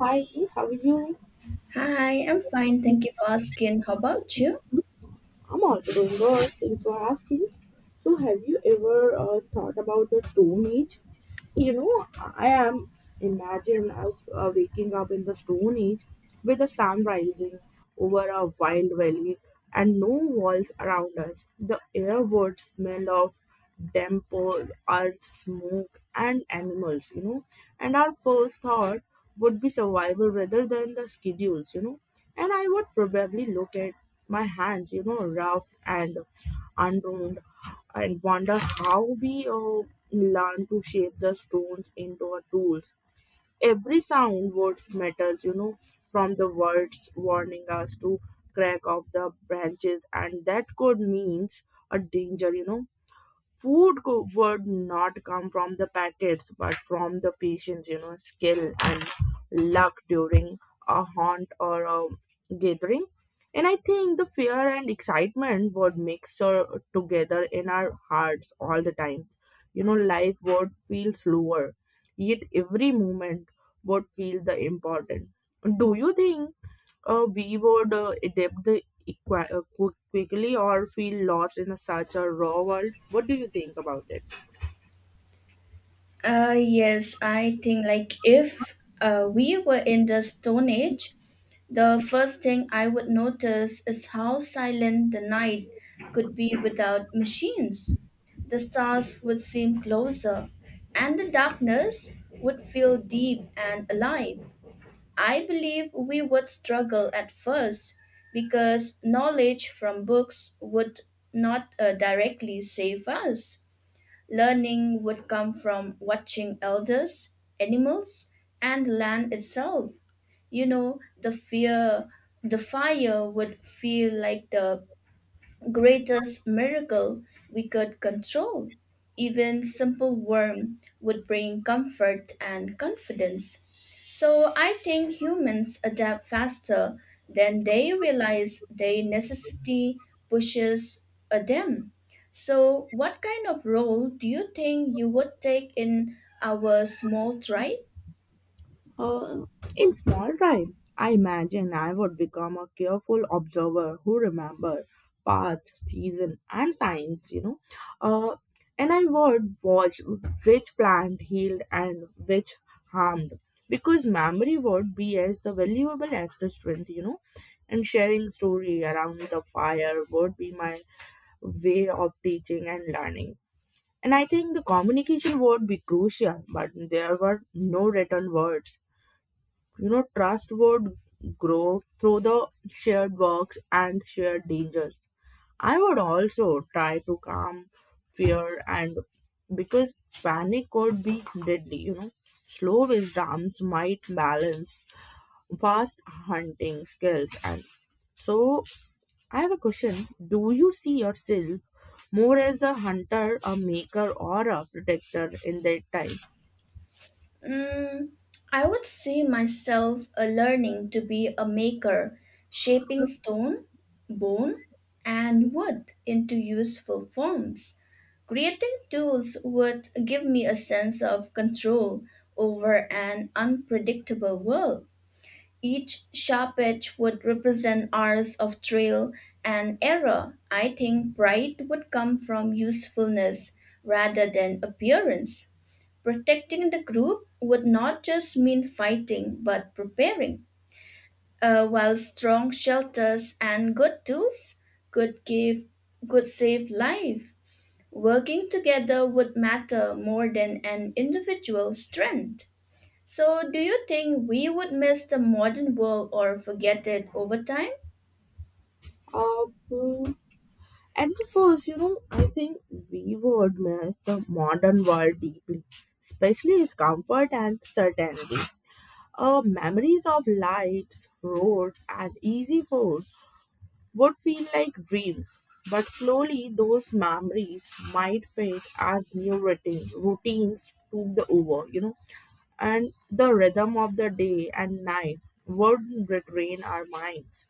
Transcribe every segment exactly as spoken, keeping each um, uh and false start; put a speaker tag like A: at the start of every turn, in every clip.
A: Hi, how are you?
B: Hi, I'm fine. Thank you for asking. How about you?
A: I'm also doing good. Thanks for asking. So, have you ever uh, thought about the Stone Age? You know, I am imagine us uh, waking up in the Stone Age with the sun rising over a wild valley and no walls around us. The air would smell of damp earth, smoke, and animals. You know, and our first thought would be survival rather than the schedules. You know, and I would probably look at my hands. You know, rough and unround and wonder how we uh, learn to shape the stones into our tools. Every sound words matters, you know, from the words warning us to crack off the branches, and that could means a danger, you know. Food co- would not come from the packets but from the patient's, you know skill and luck during a hunt or a gathering. And I think the fear and excitement would mix uh, together in our hearts all the time. You know, life would feel slower yet every moment would feel the important. Do you think uh, we would uh, adapt the equi- uh, qu- quickly or feel lost in a, such a raw world. What do you think about it?
B: Uh, yes, I think like if uh, we were in the Stone Age, the first thing I would notice is how silent the night could be without machines. The stars would seem closer, and the darkness would feel deep and alive. I believe we would struggle at first because knowledge from books would not uh, directly save us. Learning would come from watching elders, animals, and land itself. You know, the fear, the fire would feel like the greatest miracle we could control. Even simple worm would bring comfort and confidence. So I think humans adapt faster than they realize their necessity pushes uh, them. So what kind of role do you think you would take in our small tribe?
A: Uh, in small time, I imagine I would become a careful observer who remember path, season, and signs. You know, uh, and I would watch which plant healed and which harmed because memory would be as the valuable as the strength. You know, and sharing story around the fire would be my way of teaching and learning. And I think the communication would be crucial, but there were no written words. You know, trust would grow through the shared works and shared dangers. I would also try to calm fear and because panic could be deadly, you know. Slow wisdoms might balance fast hunting skills and so I have a question. Do you see yourself more as a hunter, a maker, or a protector in that time?
B: Mm, I would see myself uh, learning to be a maker, shaping stone, bone, and wood into useful forms. Creating tools would give me a sense of control over an unpredictable world. Each sharp edge would represent hours of trial and error. I think pride would come from usefulness rather than appearance. Protecting the group would not just mean fighting but preparing. Uh, while strong shelters and good tools could give could save life. Working together would matter more than an individual's strength. So, do you think we would miss the modern world or forget it over time?
A: Uh, mm, at the first, you know, I think we would miss the modern world deeply, especially its comfort and certainty. Uh, memories of lights, roads, and easy food would feel like dreams, but slowly those memories might fade as new routine, routines took the over, you know. And the rhythm of the day and night would retrain our minds.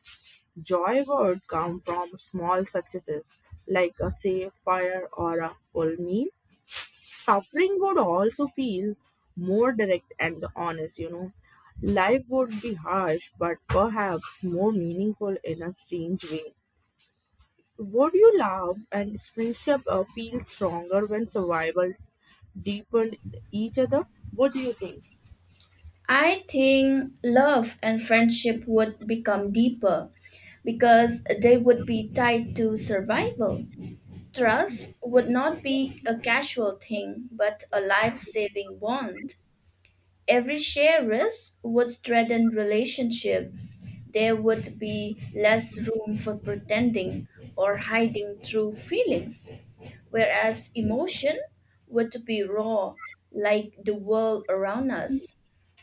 A: Joy would come from small successes, like a safe fire or a full meal. Suffering would also feel more direct and honest, you know. Life would be harsh, but perhaps more meaningful in a strange way. Would you love and friendship uh, feel stronger when survival deepened each other? What do you think?
B: I think love and friendship would become deeper because they would be tied to survival. Trust would not be a casual thing, but a life saving bond. Every shared risk would strengthen relationship. There would be less room for pretending or hiding true feelings. Whereas emotion would be raw, like the world around us.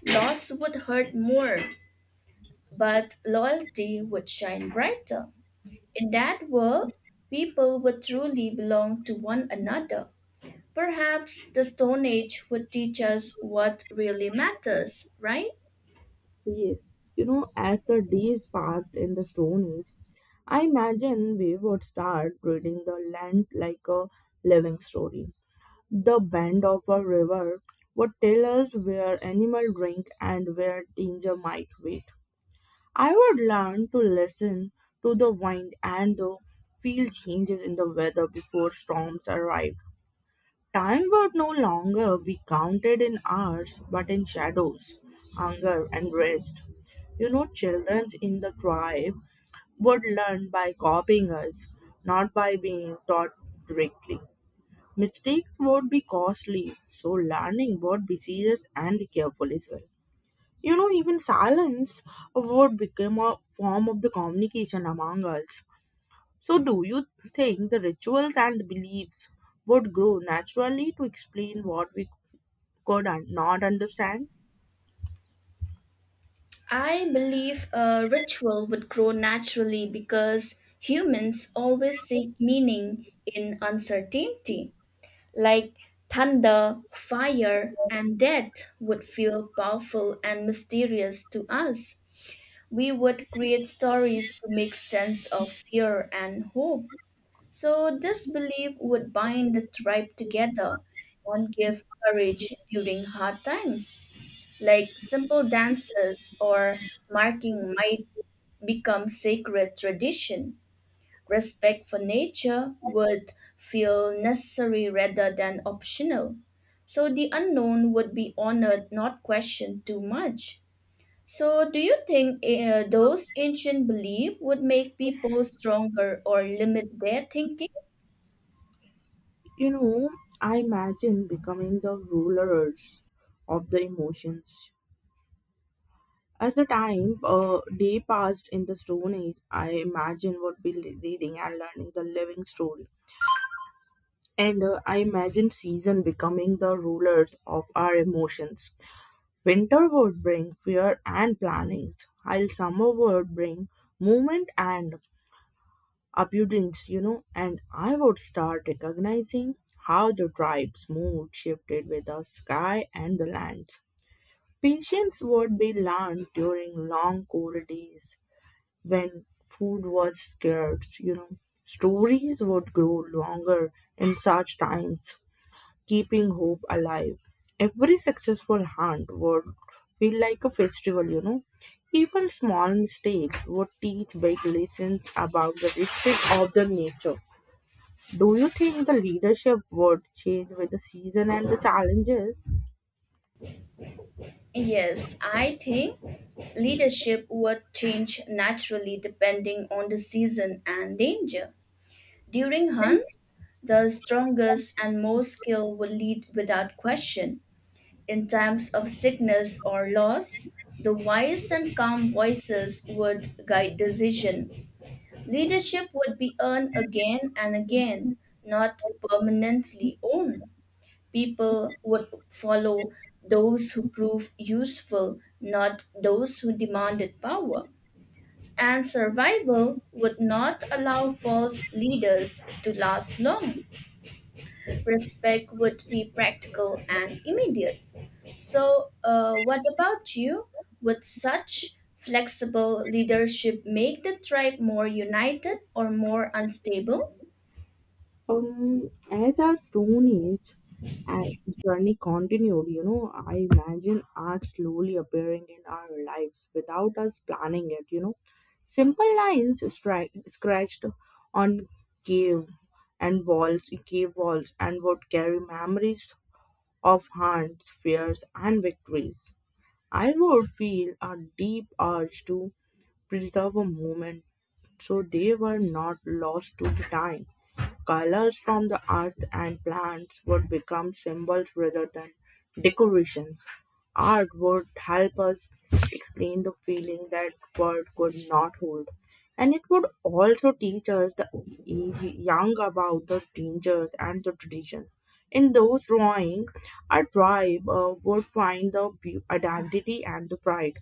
B: Loss would hurt more, but loyalty would shine brighter. In that world, people would truly belong to one another. Perhaps the Stone Age would teach us what really matters, right?
A: Yes, you know, as the days passed in the Stone Age, I imagine we would start reading the land like a living story. The bend of a river would tell us where animal drink and where danger might wait. I would learn to listen to the wind and the feel changes in the weather before storms arrive. Time would no longer be counted in hours but in shadows, hunger, and rest. You know, children in the tribe would learn by copying us, not by being taught directly. Mistakes would be costly, so learning would be serious and careful as well. You know, even silence would become a form of the communication among us. So, do you think the rituals and beliefs would grow naturally to explain what we could un- not understand.
B: I believe a ritual would grow naturally because humans always seek meaning in uncertainty. Like thunder, fire, and death would feel powerful and mysterious to us. We would create stories to make sense of fear and hope. So, this belief would bind the tribe together and give courage during hard times. Like simple dances or marking might become sacred tradition. Respect for nature would feel necessary rather than optional. So the unknown would be honored, not questioned too much. So, do you think uh, those ancient beliefs would make people stronger or limit their thinking?
A: You know, I imagine becoming the rulers of the emotions. As the time a day passed in the Stone Age, I imagine would be le- reading and learning the living story. And uh, I imagine season becoming the rulers of our emotions. Winter would bring fear and plannings, while summer would bring movement and abundance, you know, and I would start recognizing how the tribe's mood shifted with the sky and the lands. Patience would be learned during long cold days when food was scarce, you know. Stories would grow longer in such times, keeping hope alive. Every successful hunt would feel like a festival, you know. Even small mistakes would teach big lessons about the respect of the nature. Do you think the leadership would change with the season and the challenges?
B: Yes, I think leadership would change naturally depending on the season and danger. During hunts, the strongest and most skilled would lead without question. In times of sickness or loss, the wise and calm voices would guide decision. Leadership would be earned again and again, not permanently owned. People would follow those who prove useful, not those who demanded power. And survival would not allow false leaders to last long. Respect would be practical and immediate. So, uh, what about you? Would such flexible leadership make the tribe more united or more unstable?
A: Um, as our Stone Age uh, journey continued, you know, I imagine art slowly appearing in our lives without us planning it, you know. Simple lines stri- scratched on cave and walls, cave walls, and would carry memories of hunts, fears, and victories. I would feel a deep urge to preserve a moment so they were not lost to the time. Colors from the earth and plants would become symbols rather than decorations. Art would help us explain the feeling that word could not hold. And it would also teach us the young about the dangers and the traditions. In those drawings, a tribe uh, would find the beau- identity and the pride.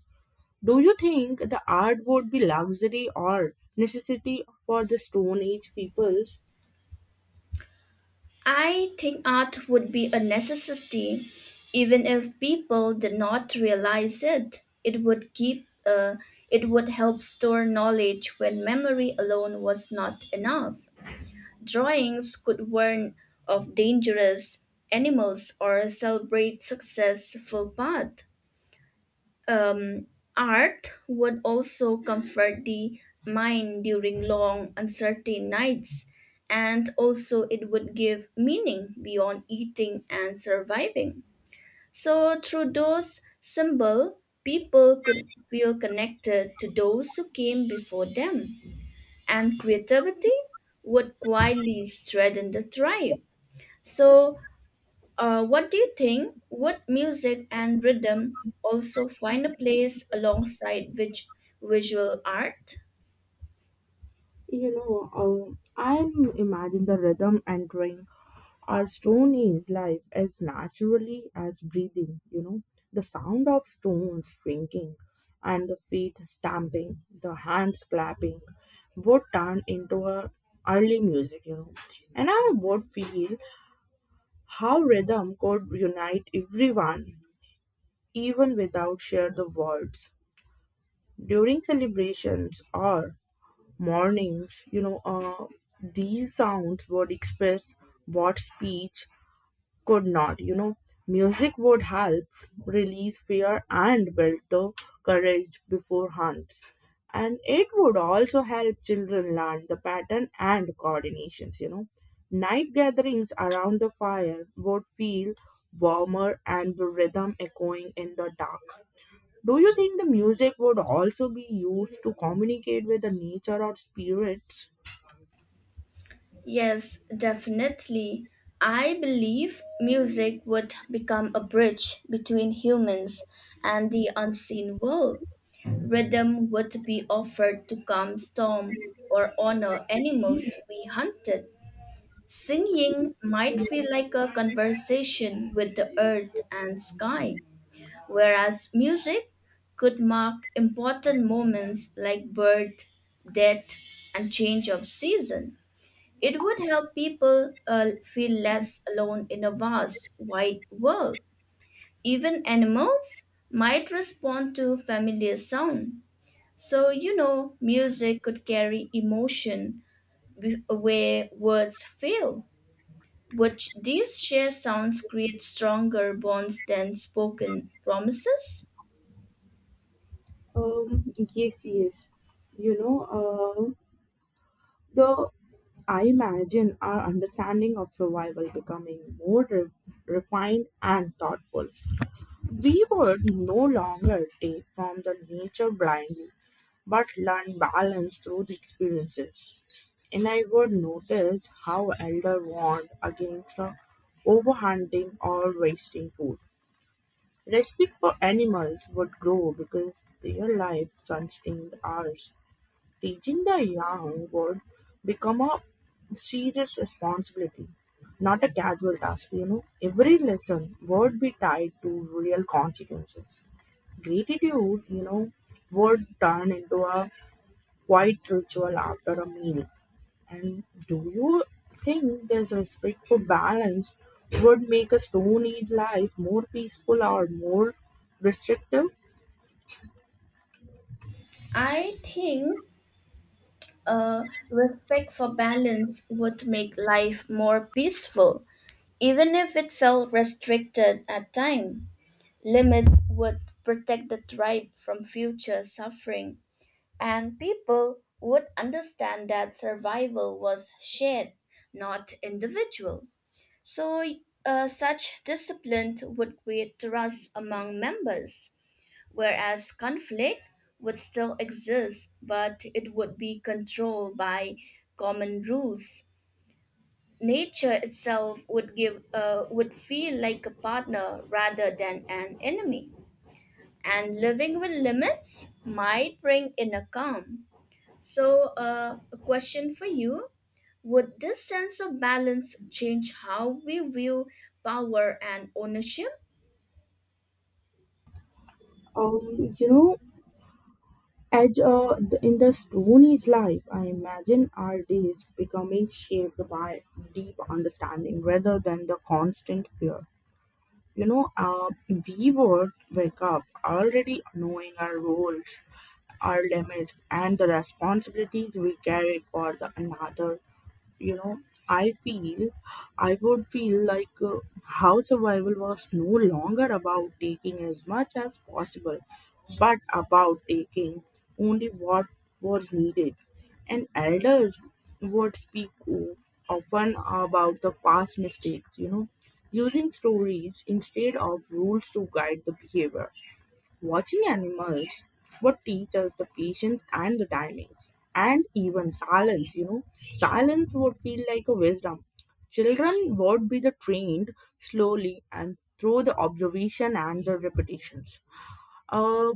A: Do you think the art would be luxury or necessity for the Stone Age peoples?
B: I think art would be a necessity, even if people did not realize it. It would keep, uh, it would help store knowledge when memory alone was not enough. Drawings could warn of dangerous animals or celebrate successful path. um, art would also comfort the mind during long, uncertain nights, and also it would give meaning beyond eating and surviving. So, through those symbols, people could feel connected to those who came before them, and creativity would quietly strengthen the tribe. So, uh, what do you think? Would music and rhythm also find a place alongside which visual art?
A: You know, um I imagine the rhythm entering our stone age life as naturally as breathing. You know, the sound of stones shrinking and the feet stamping, the hands clapping would turn into a early music. You know, and I would feel how rhythm could unite everyone even without share the words during celebrations or mornings. You know uh, these sounds would express what speech could not. You know, music would help release fear and build the courage before hunts, and it would also help children learn the pattern and coordinations. You know, night gatherings around the fire would feel warmer and the rhythm echoing in the dark. Do you think the music would also be used to communicate with the nature or spirits?
B: Yes, definitely. I believe music would become a bridge between humans and the unseen world. Rhythm would be offered to calm storm or honor animals we hunted. Singing might feel like a conversation with the earth and sky. Whereas music could mark important moments like birth, death, and change of season. It would help people uh, feel less alone in a vast, wide world. Even animals might respond to familiar sound. So, you know, music could carry emotion wi- where words fail, which these shared sounds create stronger bonds than spoken promises.
A: Um, yes, yes. You know, Though I imagine our understanding of survival becoming more re- refined and thoughtful. We would no longer take from the nature blindly, but learn balance through the experiences. And I would notice how elder warned against the overhunting or wasting food. Respect for animals would grow because their lives sustained ours. Teaching the young would become a serious responsibility, not a casual task, you know. Every lesson would be tied to real consequences. Gratitude, you know, would turn into a quiet ritual after a meal. And do you think this respect for balance would make a Stone Age life more peaceful or more restrictive?
B: I think uh, respect for balance would make life more peaceful, even if it felt restricted at time. Limits would protect the tribe from future suffering, and people would understand that survival was shared, not individual. So, uh, such discipline would create trust among members whereas conflict would still exist, but it would be controlled by common rules. Nature itself would give uh, would feel like a partner rather than an enemy, and living with limits might bring inner calm. So, uh, a question for you: Would this sense of balance change how we view power and ownership?
A: Um, you know, As uh, th- in the Stone Age life, I imagine our days becoming shaped by deep understanding rather than the constant fear. You know, uh, we would wake up already knowing our roles, our limits, and the responsibilities we carry for the another. you know i feel I would feel like uh, how survival was no longer about taking as much as possible but about taking only what was needed. And elders would speak o- often about the past mistakes, you know, using stories instead of rules to guide the behavior. Watching animals would teach us the patience and the timings and even silence, you know. Silence would feel like a wisdom. Children would be the trained slowly and through the observation and the repetitions. Uh,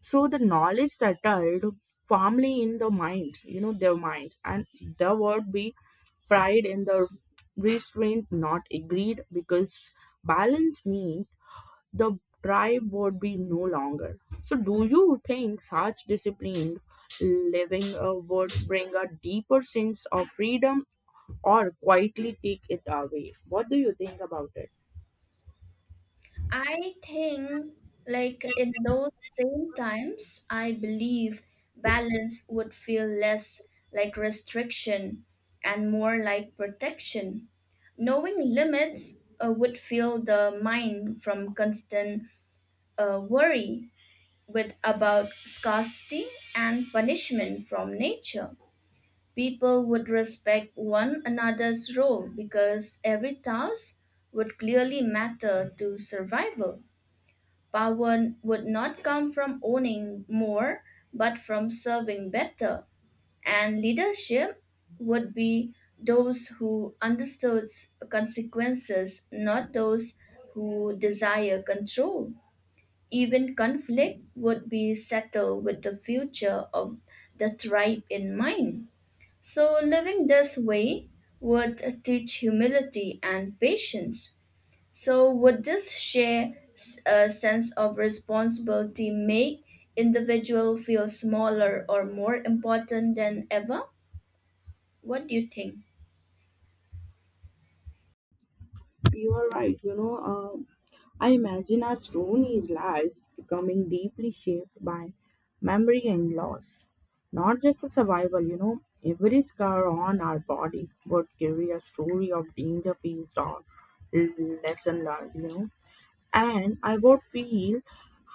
A: so the knowledge settled firmly in the minds, you know, their minds, and there would be pride in the restraint not agreed because balance means the tribe would be no longer. So, do you think such disciplined living uh, would bring a deeper sense of freedom or quietly take it away? What do you think about it?
B: I think, like in those same times, I believe balance would feel less like restriction and more like protection. Knowing limits uh, would feel the mind from constant uh, worry with about scarcity and punishment from nature. People would respect one another's role because every task would clearly matter to survival. Power would not come from owning more, but from serving better. And leadership would be those who understood consequences, not those who desire control. Even conflict would be settled with the future of the tribe in mind. So, living this way would teach humility and patience. So, would this shared uh, sense of responsibility make individual feel smaller or more important than ever? What do you think?
A: You are right. You know, uh, I imagine our Stone Age lives becoming deeply shaped by memory and loss. Not just a survival, you know, every scar on our body would carry a story of danger faced or lesson learned, you know. And I would feel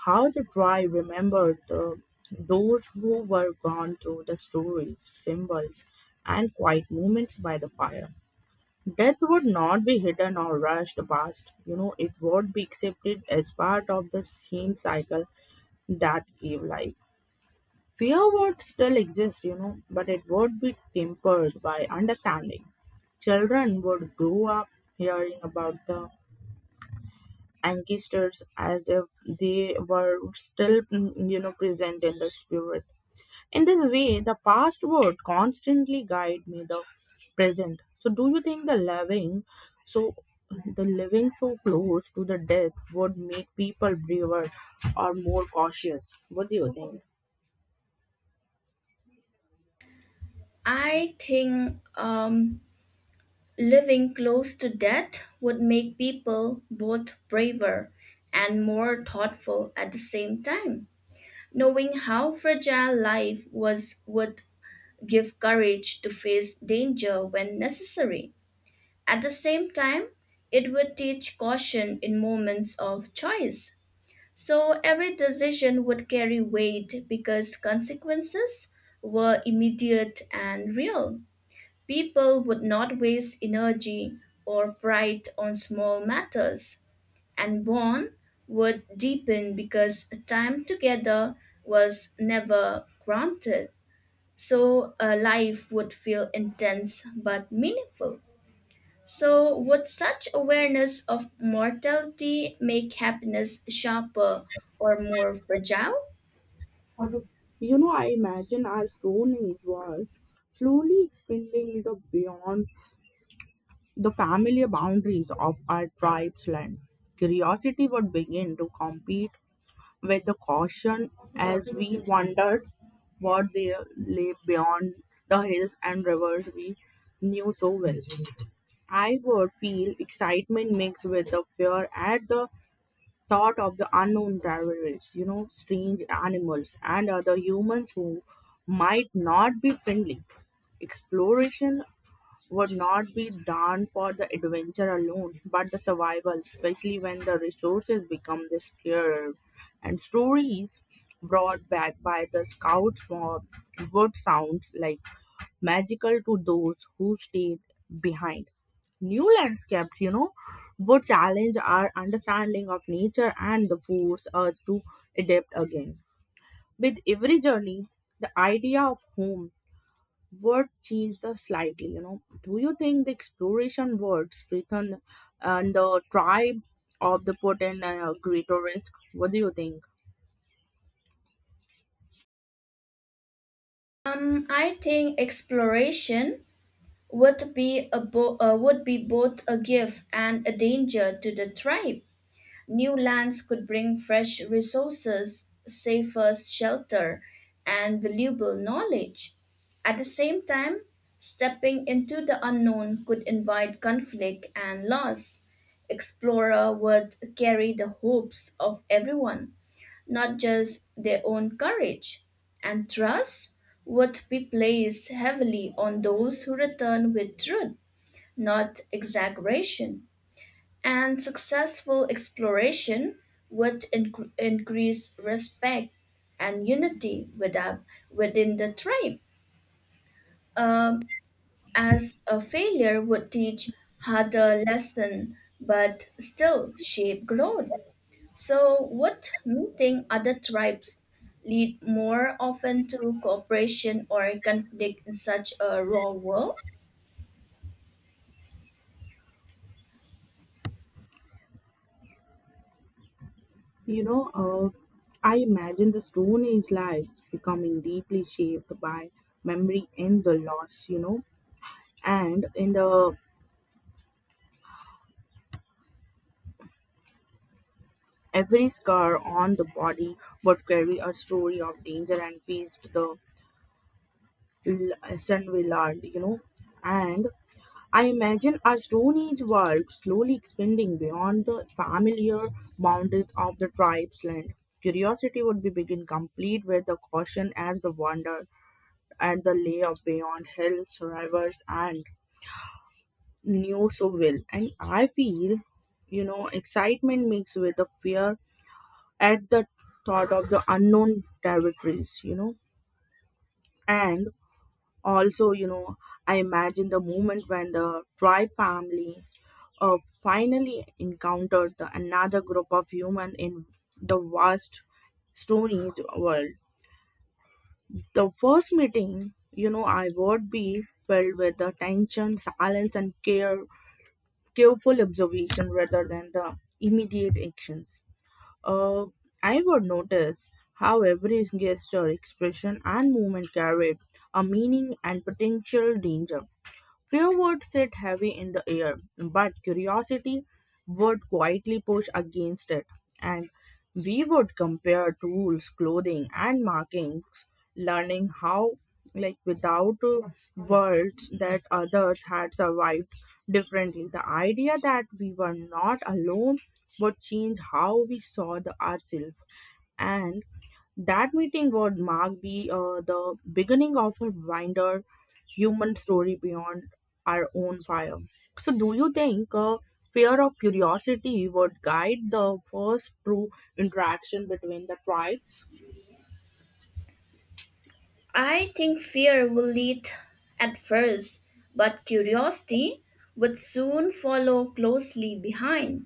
A: how the tribe remembered the, those who were gone through the stories, symbols, and quiet moments by the fire. Death would not be hidden or rushed past, you know, it would be accepted as part of the same cycle that gave life. Fear would still exist, you know, but it would be tempered by understanding. Children would grow up hearing about the ancestors as if they were still mm, you know, present in the spirit. In this way the past would constantly guide me the present. So do you think the living, so the living so close to the death would make people braver or more cautious? What do you think?
B: I think um, living close to death would make people both braver and more thoughtful at the same time. Knowing how fragile life was would give courage to face danger when necessary. At the same time, it would teach caution in moments of choice. So every decision would carry weight because consequences were immediate and real. People would not waste energy or pride on small matters, and bond would deepen because time together was never granted. So a life would feel intense but meaningful. So, would such awareness of mortality make happiness sharper or more fragile?
A: You know, I imagine our stone age world slowly expanding the beyond the familiar boundaries of our tribe's land. Curiosity would begin to compete with the caution as we wondered what they lay beyond the hills and rivers we knew so well. I would feel excitement mixed with the fear at the thought of the unknown terrorists, you know, strange animals and other humans who might not be friendly. Exploration would not be done for the adventure alone, but the survival, especially when the resources become the scarce. And stories brought back by the scouts from would sounds like magical to those who stayed behind. New landscapes, you know, would challenge our understanding of nature and the force us to adapt again. With every journey, the idea of home word changed uh, slightly. You know do you think the exploration words written and the tribe of the potent uh, greater risk? What do you think?
B: Um, I think exploration would be a bo- uh, would be both a gift and a danger to the tribe. New lands could bring fresh resources, safer shelter, and valuable knowledge. At the same time, stepping into the unknown could invite conflict and loss. Explorer would carry the hopes of everyone, not just their own courage. And trust would be placed heavily on those who return with truth, not exaggeration, and successful exploration would inc- increase respect and unity with our- within the tribe, um, as a failure would teach harder lesson but still shape growth. So, would meeting other tribes lead more often to cooperation or conflict in such a raw world?
A: you know uh, I imagine the stone age lives becoming deeply shaped by memory and the loss. You know and in the every scar on the body would carry a story of danger and faced the l- lesson we learned. You know and I imagine our Stone Age world slowly expanding beyond the familiar boundaries of the tribe's land. Curiosity would be begin complete with the caution and the wonder at the lay of beyond hills, rivers, and new so will. And I feel, you know, excitement mixed with the fear at the thought of the unknown territories, you know, and also, you know, I imagine the moment when the tribe family uh, finally encountered the, another group of humans in the vast Stone Age world. The first meeting, you know, I would be filled with the tension, silence, and care, careful observation rather than the immediate actions. Uh, I would notice how every gesture, expression, and movement carried a meaning and potential danger. Fear would sit heavy in the air, but curiosity would quietly push against it, and we would compare tools, clothing, and markings, learning how, like without uh, words, that others had survived differently. The idea that we were not alone would change how we saw the ourselves and that meeting would mark be uh, the beginning of a wider human story beyond our own fire. So, do you think uh, fear of curiosity would guide the first true interaction between the tribes?
B: I think fear will lead at first, but curiosity would soon follow closely behind.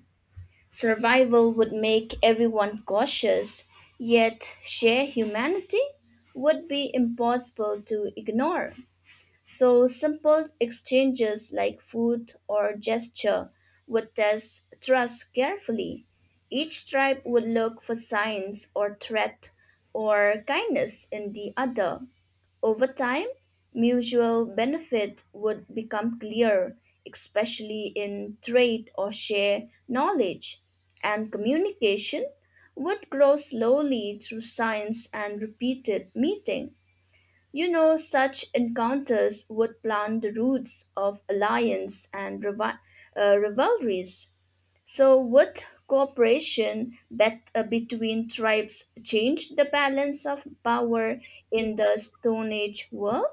B: Survival would make everyone cautious, yet sheer humanity would be impossible to ignore. So simple exchanges like food or gesture would test trust carefully. Each tribe would look for signs or threat or kindness in the other. Over time, mutual benefit would become clear, especially in trade or share knowledge, and communication would grow slowly through science and repeated meeting. You know, such encounters would plant the roots of alliance and rival- uh, rivalries. So, would cooperation bet- uh, between tribes change the balance of power in the Stone Age world?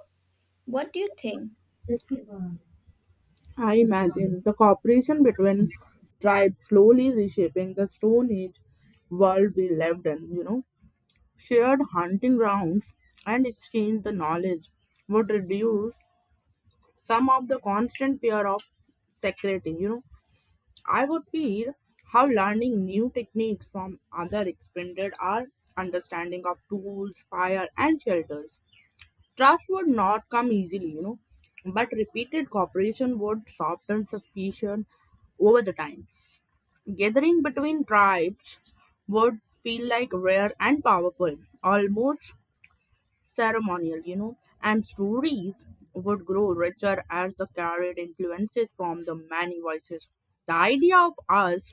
B: What do you think?
A: I imagine the cooperation between tribes slowly reshaping the Stone Age world we lived in, you know. Shared hunting grounds and exchange the knowledge would reduce some of the constant fear of security. you know I would feel how learning new techniques from other expanded our understanding of tools, fire, and shelters. Trust would not come easily, you know but repeated cooperation would soften suspicion over the time. Gathering between tribes would feel like rare and powerful, almost ceremonial, you know, and stories would grow richer as they carried influences from the many voices. The idea of us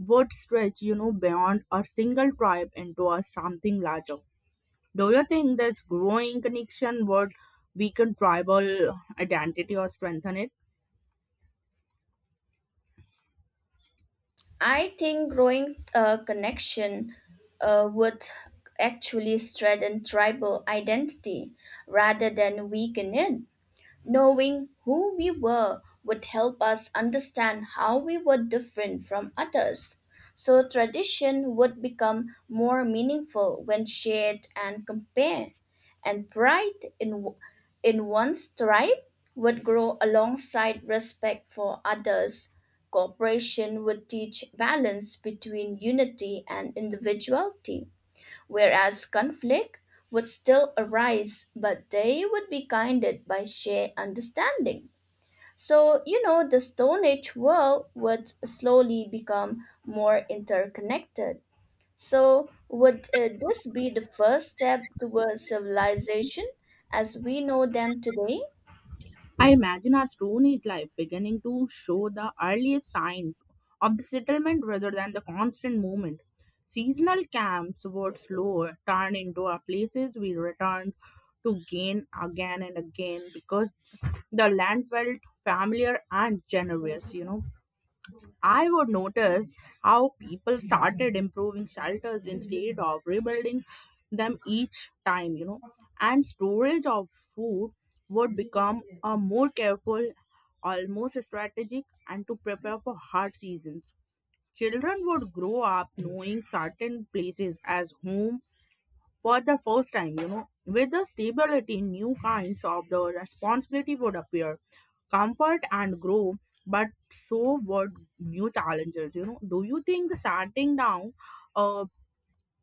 A: would stretch, you know, beyond a single tribe into a something larger. Do you think this growing connection would weaken tribal identity or strengthen it?
B: I think growing uh, connection uh, would actually strengthen tribal identity rather than weaken it. Knowing who we were would help us understand how we were different from others. So, tradition would become more meaningful when shared and compared, and pride in, in one's tribe would grow alongside respect for others. Cooperation would teach balance between unity and individuality whereas conflict would still arise, but they would be guided by shared understanding. So, you know, the Stone Age world would slowly become more interconnected. So, would uh, this be the first step towards civilization as we know them today?
A: I imagine our Stone Age life beginning to show the earliest sign of the settlement rather than the constant movement. Seasonal camps would slow turn into our places we returned to gain again and again because the land felt familiar and generous, you know. I would notice how people started improving shelters instead of rebuilding them each time, you know, and storage of food would become a more careful, almost strategic, and to prepare for hard seasons. Children would grow up knowing certain places as home for the first time, you know, with the stability, new kinds of the responsibility would appear comfort and grow. But so what new challenges? You know do you think the shutting down uh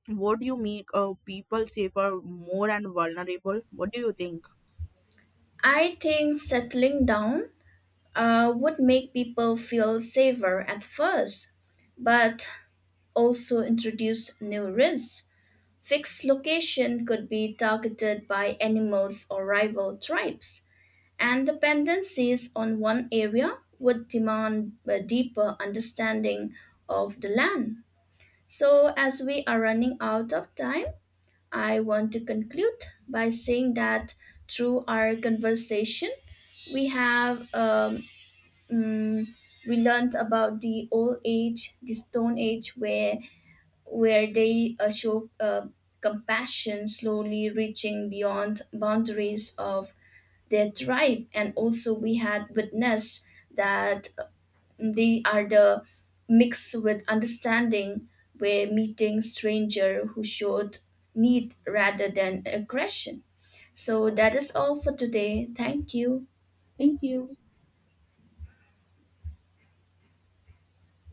A: would you make uh, people safer more and vulnerable? What do you think?
B: I think settling down uh, would make people feel safer at first, but also introduce new risks. Fixed location could be targeted by animals or rival tribes, and dependencies on one area would demand a deeper understanding of the land. So, as we are running out of time, I want to conclude by saying that through our conversation, we have um, mm, we learned about the old age, the stone age, where where they uh, show uh, compassion, slowly reaching beyond boundaries of their tribe. And also, we had witnessed that uh, they are the mix with understanding, where meeting stranger who showed need rather than aggression. So that is all for today. Thank you.
A: Thank you.